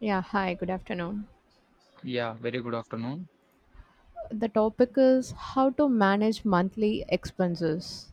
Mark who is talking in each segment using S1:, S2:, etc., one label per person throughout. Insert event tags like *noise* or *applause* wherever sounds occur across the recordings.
S1: Yeah, hi, good afternoon.
S2: Yeah, very good afternoon.
S1: The topic is how to manage monthly expenses.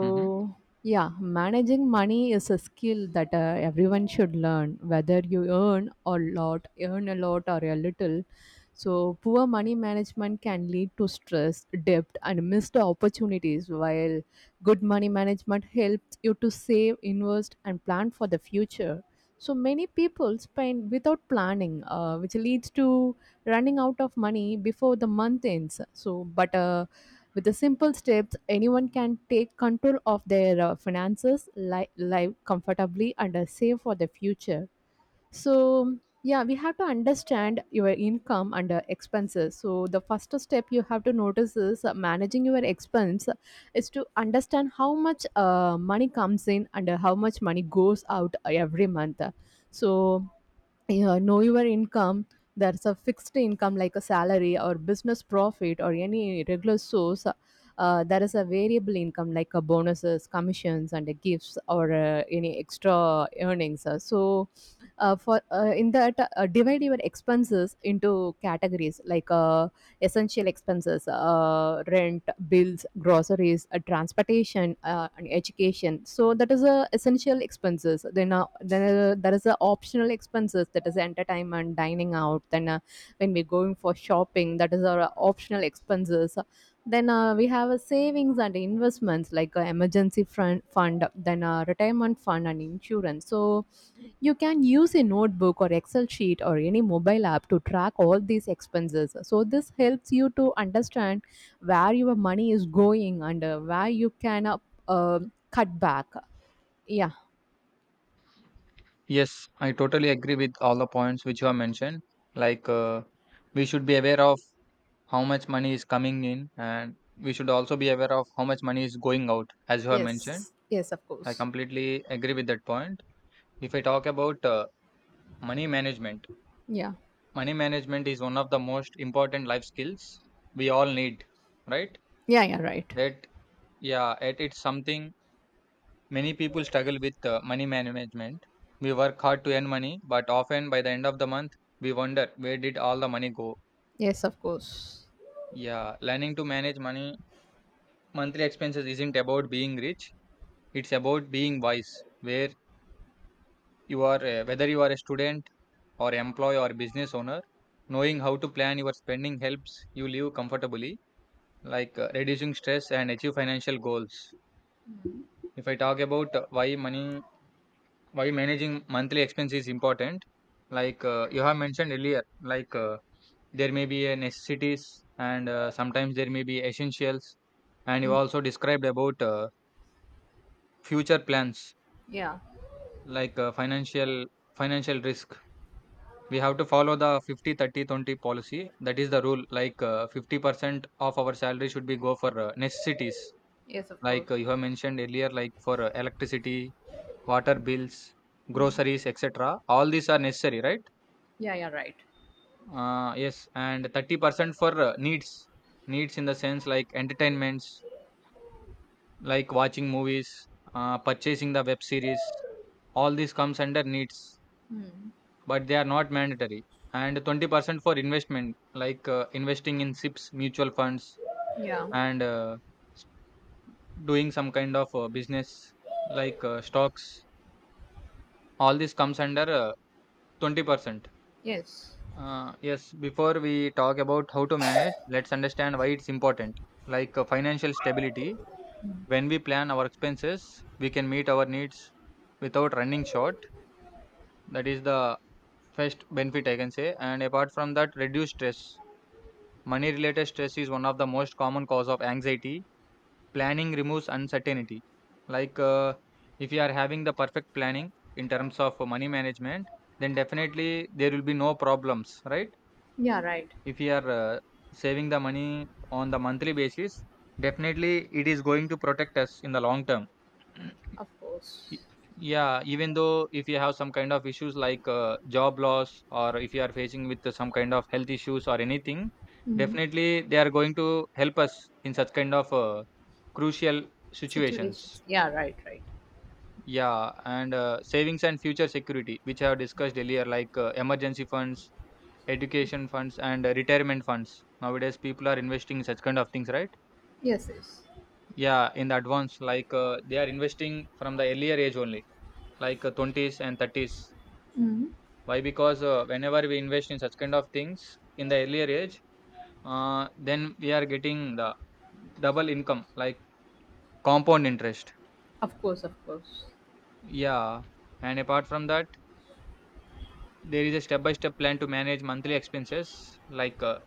S2: hmm
S1: yeah, managing money is a skill that everyone should learn, whether you earn a lot, or a little. So, poor money management can lead to stress, debt, and missed opportunities, while good money management helps you to save, invest, and plan for the future. So, many people spend without planning, which leads to running out of money before the month ends. But with the simple steps, anyone can take control of their finances, live comfortably, and save for the future. So, yeah, we have to understand your income and expenses. So, the first step you have to notice is managing your expense is to understand how much money comes in and how much money goes out every month. So, yeah, know your income. There's a fixed income like a salary or business profit or any regular source. There is a variable income like a bonuses commissions and gifts or any extra earnings. So, for in that, divide your expenses into categories like, essential expenses, rent, bills, groceries, transportation, and education, so that is a essential expenses. Then there is a optional expenses, that is entertainment, dining out, then, when we're going for shopping, that is our optional expenses. Then, we have a savings and investments like, emergency fund, then retirement fund and insurance. So you can use a notebook or Excel sheet or any mobile app to track all these expenses. So, this helps you to understand where your money is going and where you can uh, cut back. Yeah.
S2: Yes, I totally agree with all the points which you have mentioned. Like, uh, we should be aware of how much money is coming in, and we should also be aware of how much money is going out, as you have mentioned.
S1: Yes, yes, of
S2: I
S1: course.
S2: completely agree with that point. If I talk about money management,
S1: Yeah,
S2: money management is one of the most important life skills we all need, right?
S1: yeah, yeah, right.
S2: That, it's something many people struggle with money management. We work hard to earn money, but often by the end of the month, we wonder, where did all the money go?
S1: Yes, of course.
S2: Yeah, learning to manage money, monthly expenses isn't about being rich, it's about being wise. Where Whether you are a student or employee or business owner, knowing how to plan your spending helps you live comfortably, reducing stress and achieve financial goals. If I talk about why managing monthly expense is important, you have mentioned earlier, like uh, there may be a necessities, and sometimes there may be essentials, and you
S1: Mm.
S2: also described about future plans,
S1: Yeah,
S2: like uh, financial financial risk. We have to follow the 50-30-20 policy, that is the rule. 50% of our salary should be go for necessities,
S1: yes, of course.
S2: you have mentioned earlier, like for electricity, water bills, groceries, etc. All these are necessary, right?
S1: Yeah, yeah, right.
S2: Yes, and 30% for needs. Needs in the sense like entertainments, like watching movies, purchasing the web series. All these comes under needs, but they are not mandatory. And 20% for investment, like investing in SIPs, mutual funds,
S1: Yeah,
S2: and doing some kind of business, stocks. All this comes under 20%.
S1: yes.
S2: Yes, before we talk about how to manage, let's understand why it's important. Financial stability: when we plan our expenses, we can meet our needs without running short. That is the first benefit I can say. And apart from that, reduce stress. Money related stress is one of the most common cause of anxiety. Planning removes uncertainty. like uh, if you are having the perfect planning in terms of money management, then definitely there will be no problems, right?
S1: Yeah, right.
S2: If you are saving the money on the monthly basis, definitely it is going to protect us in the long term. *clears throat*
S1: Of
S2: Y-
S1: course.
S2: Yeah, even though if you have some kind of issues like job loss, or if you are facing with some kind of health issues or anything, definitely they are going to help us in such kind of crucial
S1: Situations.
S2: situations.
S1: Yeah, right, right.
S2: Yeah, and savings and future security, which I have discussed earlier, like emergency funds, education funds, and retirement funds. Nowadays, people are investing in such kind of things, right?
S1: Yes, yes.
S2: Yeah, in the advance, like they are investing from the earlier age only, like 20s and 30s. Why? Because whenever we invest in such kind of things in the earlier age, then we are getting the double income, like compound interest.
S1: Of course, of course.
S2: Yeah. And apart from that, there is a step by step plan to manage monthly expenses. Like uh,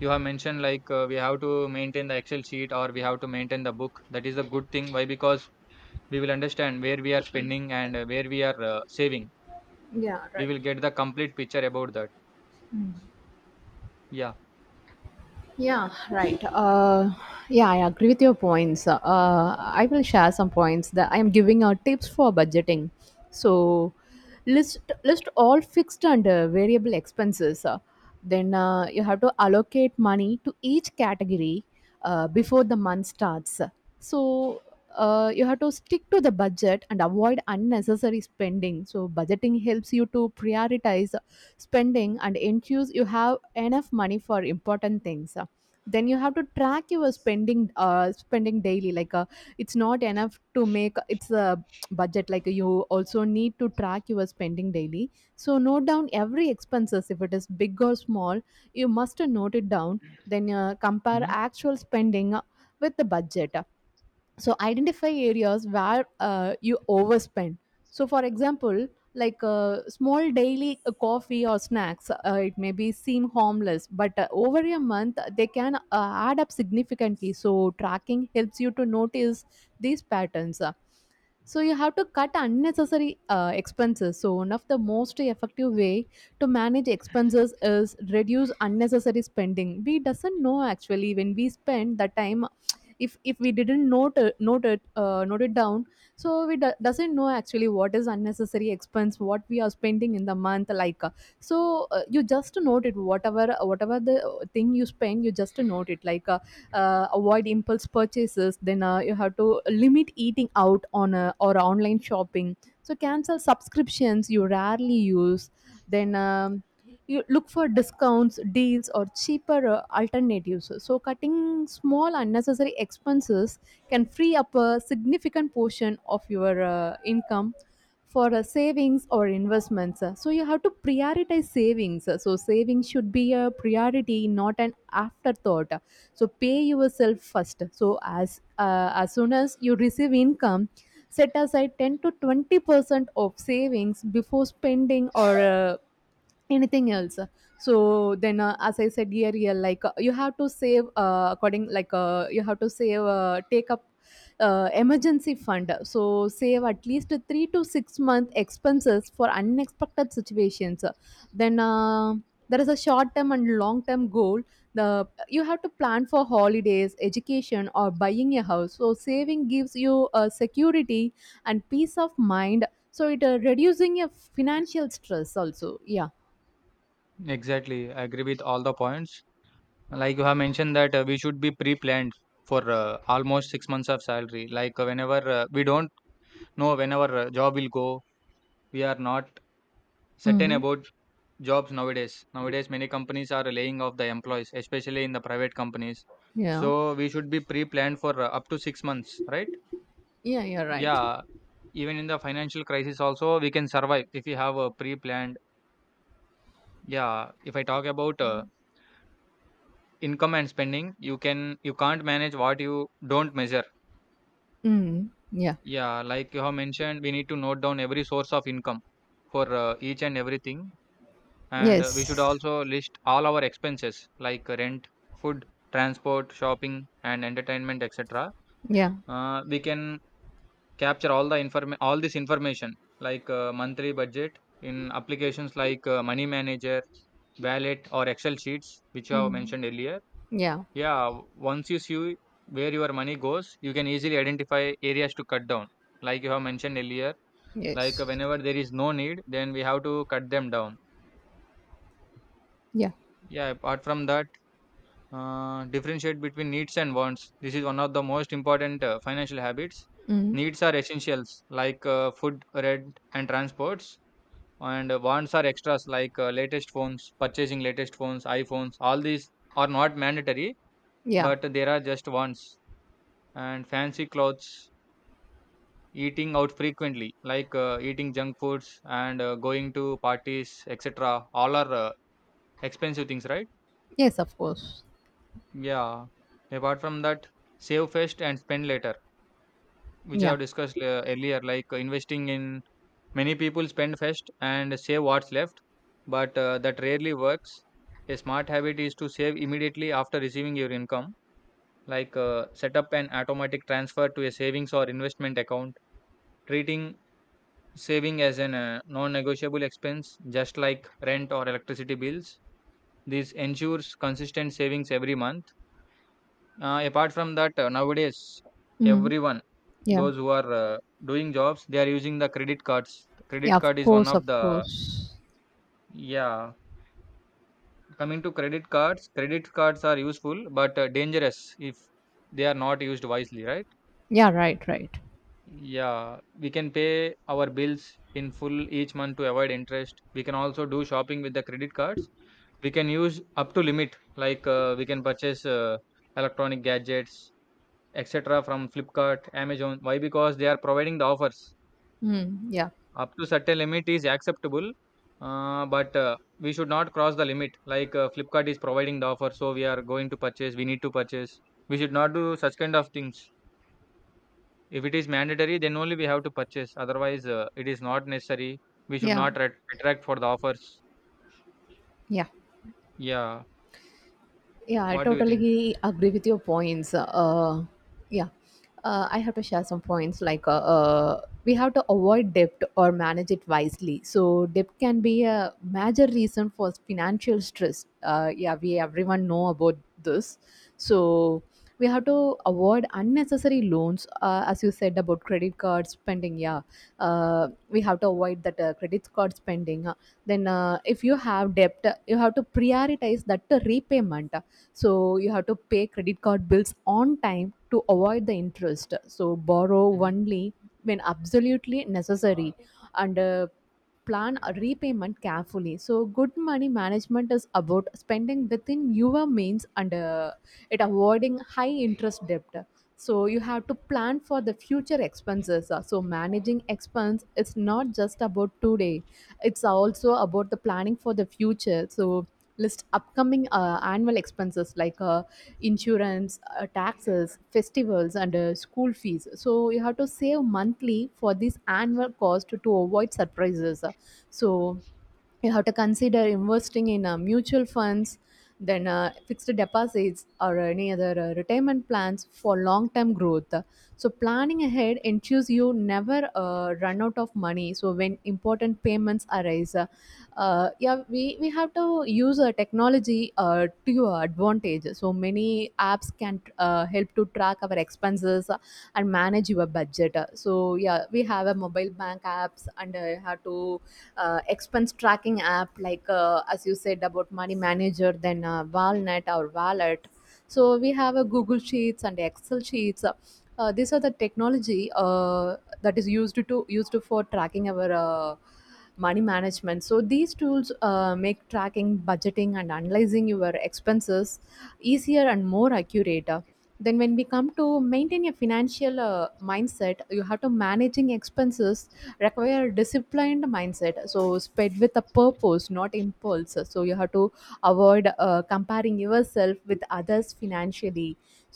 S2: you have mentioned, like we have to maintain the Excel sheet, or we have to maintain the book. That is a good thing. Why? Because we will understand where we are spending and where we are saving.
S1: Yeah,
S2: We
S1: right.
S2: will get the complete picture about that. Yeah.
S1: Yeah, right. Yeah, I agree with your points. I will share some points that I am giving out tips for budgeting. So, list list all fixed and variable expenses. Then you have to allocate money to each category before the month starts. So, you have to stick to the budget and avoid unnecessary spending. So budgeting helps you to prioritize spending and ensures you have enough money for important things. Then you have to track your spending, spending daily. Like, it's not enough to make it's a budget. Like you also need to track your spending daily. So note down every expenses if it is big or small. You must note it down, then compare
S2: hmm
S1: actual spending with the budget, so identify areas where you overspend. So for example, like, small daily coffee or snacks, it may be seem harmless, but over a month they can add up significantly. So tracking helps you to notice these patterns. So you have to cut unnecessary expenses. So one of the most effective way to manage expenses is reduce unnecessary spending. We doesn't know actually when we spend the time, if we didn't note it down, so we doesn't know actually what is unnecessary expense what we are spending in the month. Like, you just note it, whatever the thing you spend, you just note it. Like, avoid impulse purchases. Then you have to limit eating out on or online shopping. So cancel subscriptions you rarely use. Then you look for discounts, deals, or cheaper alternatives. So cutting small unnecessary expenses can free up a significant portion of your income for savings or investments. So you have to prioritize savings. So savings should be a priority, not an afterthought. So pay yourself first. So as soon as you receive income, set aside 10 to 20% of savings before spending or anything else. So then, as I said earlier, like, you have to save, according, like, you have to save, take up emergency fund. So save at least 3 to 6 month expenses for unexpected situations. Then, there is a short term and long term goal. The You have to plan for holidays, education, or buying a house. So saving gives you security and peace of mind. So it reducing your financial stress also. Yeah.
S2: Exactly. I agree with all the points. Like you have mentioned that we should be pre-planned for almost 6 months of salary. Like whenever we don't know when our job will go, we are not certain
S1: Mm.
S2: about jobs nowadays. Nowadays, many companies are laying off the employees, especially in the private companies.
S1: Yeah.
S2: So we should be pre-planned for up to 6 months, right?
S1: Yeah, you're right.
S2: Yeah, even in the financial crisis also we can survive if you have a pre-planned. Yeah, if I talk about income and spending, you can't manage what you don't measure.
S1: Mm. Yeah.
S2: Yeah, like you have mentioned, we need to note down every source of income for each and everything. And we should
S1: Yes.
S2: also list all our expenses like rent, food, transport, shopping, and entertainment, etc.
S1: Yeah.
S2: We can capture all the inform all this information, monthly budget, in applications like Money Manager, Wallet, or Excel sheets, which you have
S1: Mm.
S2: mentioned earlier.
S1: Yeah.
S2: Yeah, once you see where your money goes, you can easily identify areas to cut down, like you have mentioned earlier,
S1: Yes.
S2: whenever there is no need, then we have to cut them down.
S1: Yeah.
S2: Yeah, apart from that, differentiate between needs and wants. This is one of the most important financial habits.
S1: Mm.
S2: Needs are essentials like food, rent, and transports, and wants are extras like latest phones purchasing latest phones, iPhones. All these are not mandatory,
S1: Yeah.
S2: but there are just wants, and fancy clothes, eating out frequently, like eating junk foods, and going to parties, etc. All are expensive things, right?
S1: Yes, of course.
S2: Yeah. Apart from that, save first and spend later, which I
S1: Yeah.
S2: have discussed earlier, like investing in many people spend first and save what's left, but that rarely works. A smart habit is to save immediately after receiving your income, like set up an automatic transfer to a savings or investment account, treating saving as an non-negotiable expense, just like rent or electricity bills. This ensures consistent savings every month. Apart from that, nowadays
S1: Mm.
S2: everyone,
S1: Yeah.
S2: those who are doing jobs, they are using the credit cards.
S1: Yeah,
S2: Credit card
S1: of
S2: is one
S1: course, of
S2: of the,
S1: course.
S2: yeah. Coming to credit cards are useful but dangerous if they are not used wisely, right?
S1: Yeah, right, right.
S2: Yeah, we can pay our bills in full each month to avoid interest. We can also do shopping with the credit cards. We can use up to limit, like we can purchase electronic gadgets, etc. from Flipkart, Amazon. Why? Because they are providing the offers
S1: Mm. Yeah.
S2: up to certain limit is acceptable, but we should not cross the limit. Flipkart is providing the offer, so we are going to purchase. We need to purchase. We should not do such kind of things. If it is mandatory, then only we have to purchase. Otherwise, it is not necessary. We should
S1: Yeah.
S2: not retract for the offers.
S1: Yeah.
S2: Yeah.
S1: Yeah, I
S2: What do you think?
S1: totally agree with your points. Yeah, I have to share some points like, we have to avoid debt or manage it wisely. So debt can be a major reason for financial stress. Yeah, we everyone know about this. So we have to avoid unnecessary loans, as you said about credit card spending. Yeah, we have to avoid that credit card spending. Then, if you have debt, you have to prioritize that repayment. So you have to pay credit card bills on time to avoid the interest. So borrow
S2: hmm
S1: only when absolutely necessary and plan a repayment carefully. So, good money management is about spending within your means and it avoiding high interest debt. So, you have to plan for the future expenses. So, managing expense is not just about today, it's also about the planning for the future. So, list upcoming annual expenses like, insurance, taxes, festivals, and school fees. So you have to save monthly for this annual cost to avoid surprises. So you have to consider investing in mutual funds, then fixed deposits or any other retirement plans for long term growth. So planning ahead ensures you never run out of money so when important payments arise. Yeah, we have to use technology to your advantage. So many apps can help to track our expenses and manage your budget. So yeah, we have a mobile bank apps and have to expense tracking app like, as you said about Money Manager, then Walnut or Wallet. So we have a Google Sheets and Excel sheets. These are the technology that is used for tracking our money management. So these tools make tracking, budgeting, and analyzing your expenses easier and more accurate. Then when we come to maintain a financial mindset, you have to managing expenses require disciplined mindset. So sped with a purpose, not impulse. So you have to avoid comparing yourself with others financially.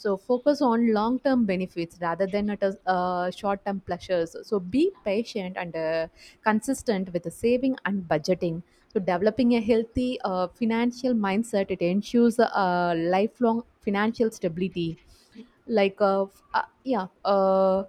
S1: So focus on long term benefits rather than short term pleasures. So be patient and consistent with the saving and budgeting. So developing a healthy financial mindset, it ensures lifelong financial stability. Like, yeah,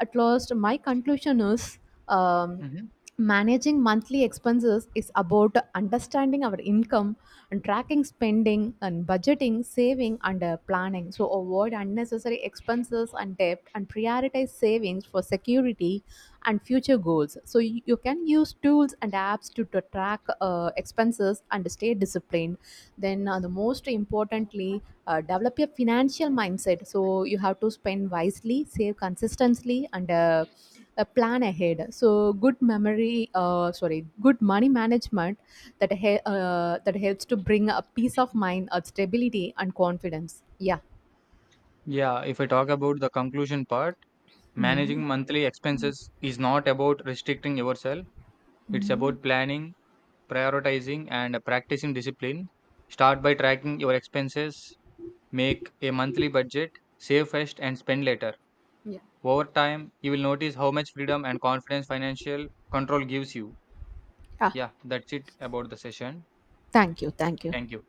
S1: at last my conclusion is, um,
S2: hmm
S1: managing monthly expenses is about understanding our income and tracking spending and budgeting, saving, and planning. So avoid unnecessary expenses and debt and prioritize savings for security and future goals. So you can use tools and apps to track expenses and stay disciplined. Then the most importantly, develop your financial mindset. So you have to spend wisely, save consistently, and plan ahead. So good memory sorry good money management, that helps to bring a peace of mind, stability, and confidence. Yeah.
S2: Yeah, if I talk about the conclusion part,
S1: Hmm.
S2: managing monthly expenses is not about restricting yourself. It's
S1: Hmm.
S2: about planning, prioritizing, and practicing discipline. Start by tracking your expenses, make a monthly budget, save first, and spend later.
S1: Yeah.
S2: Over time, you will notice how much freedom and confidence financial control gives you.
S1: Ah,
S2: Yeah, that's it about the session.
S1: thank you, thank you.
S2: Thank you.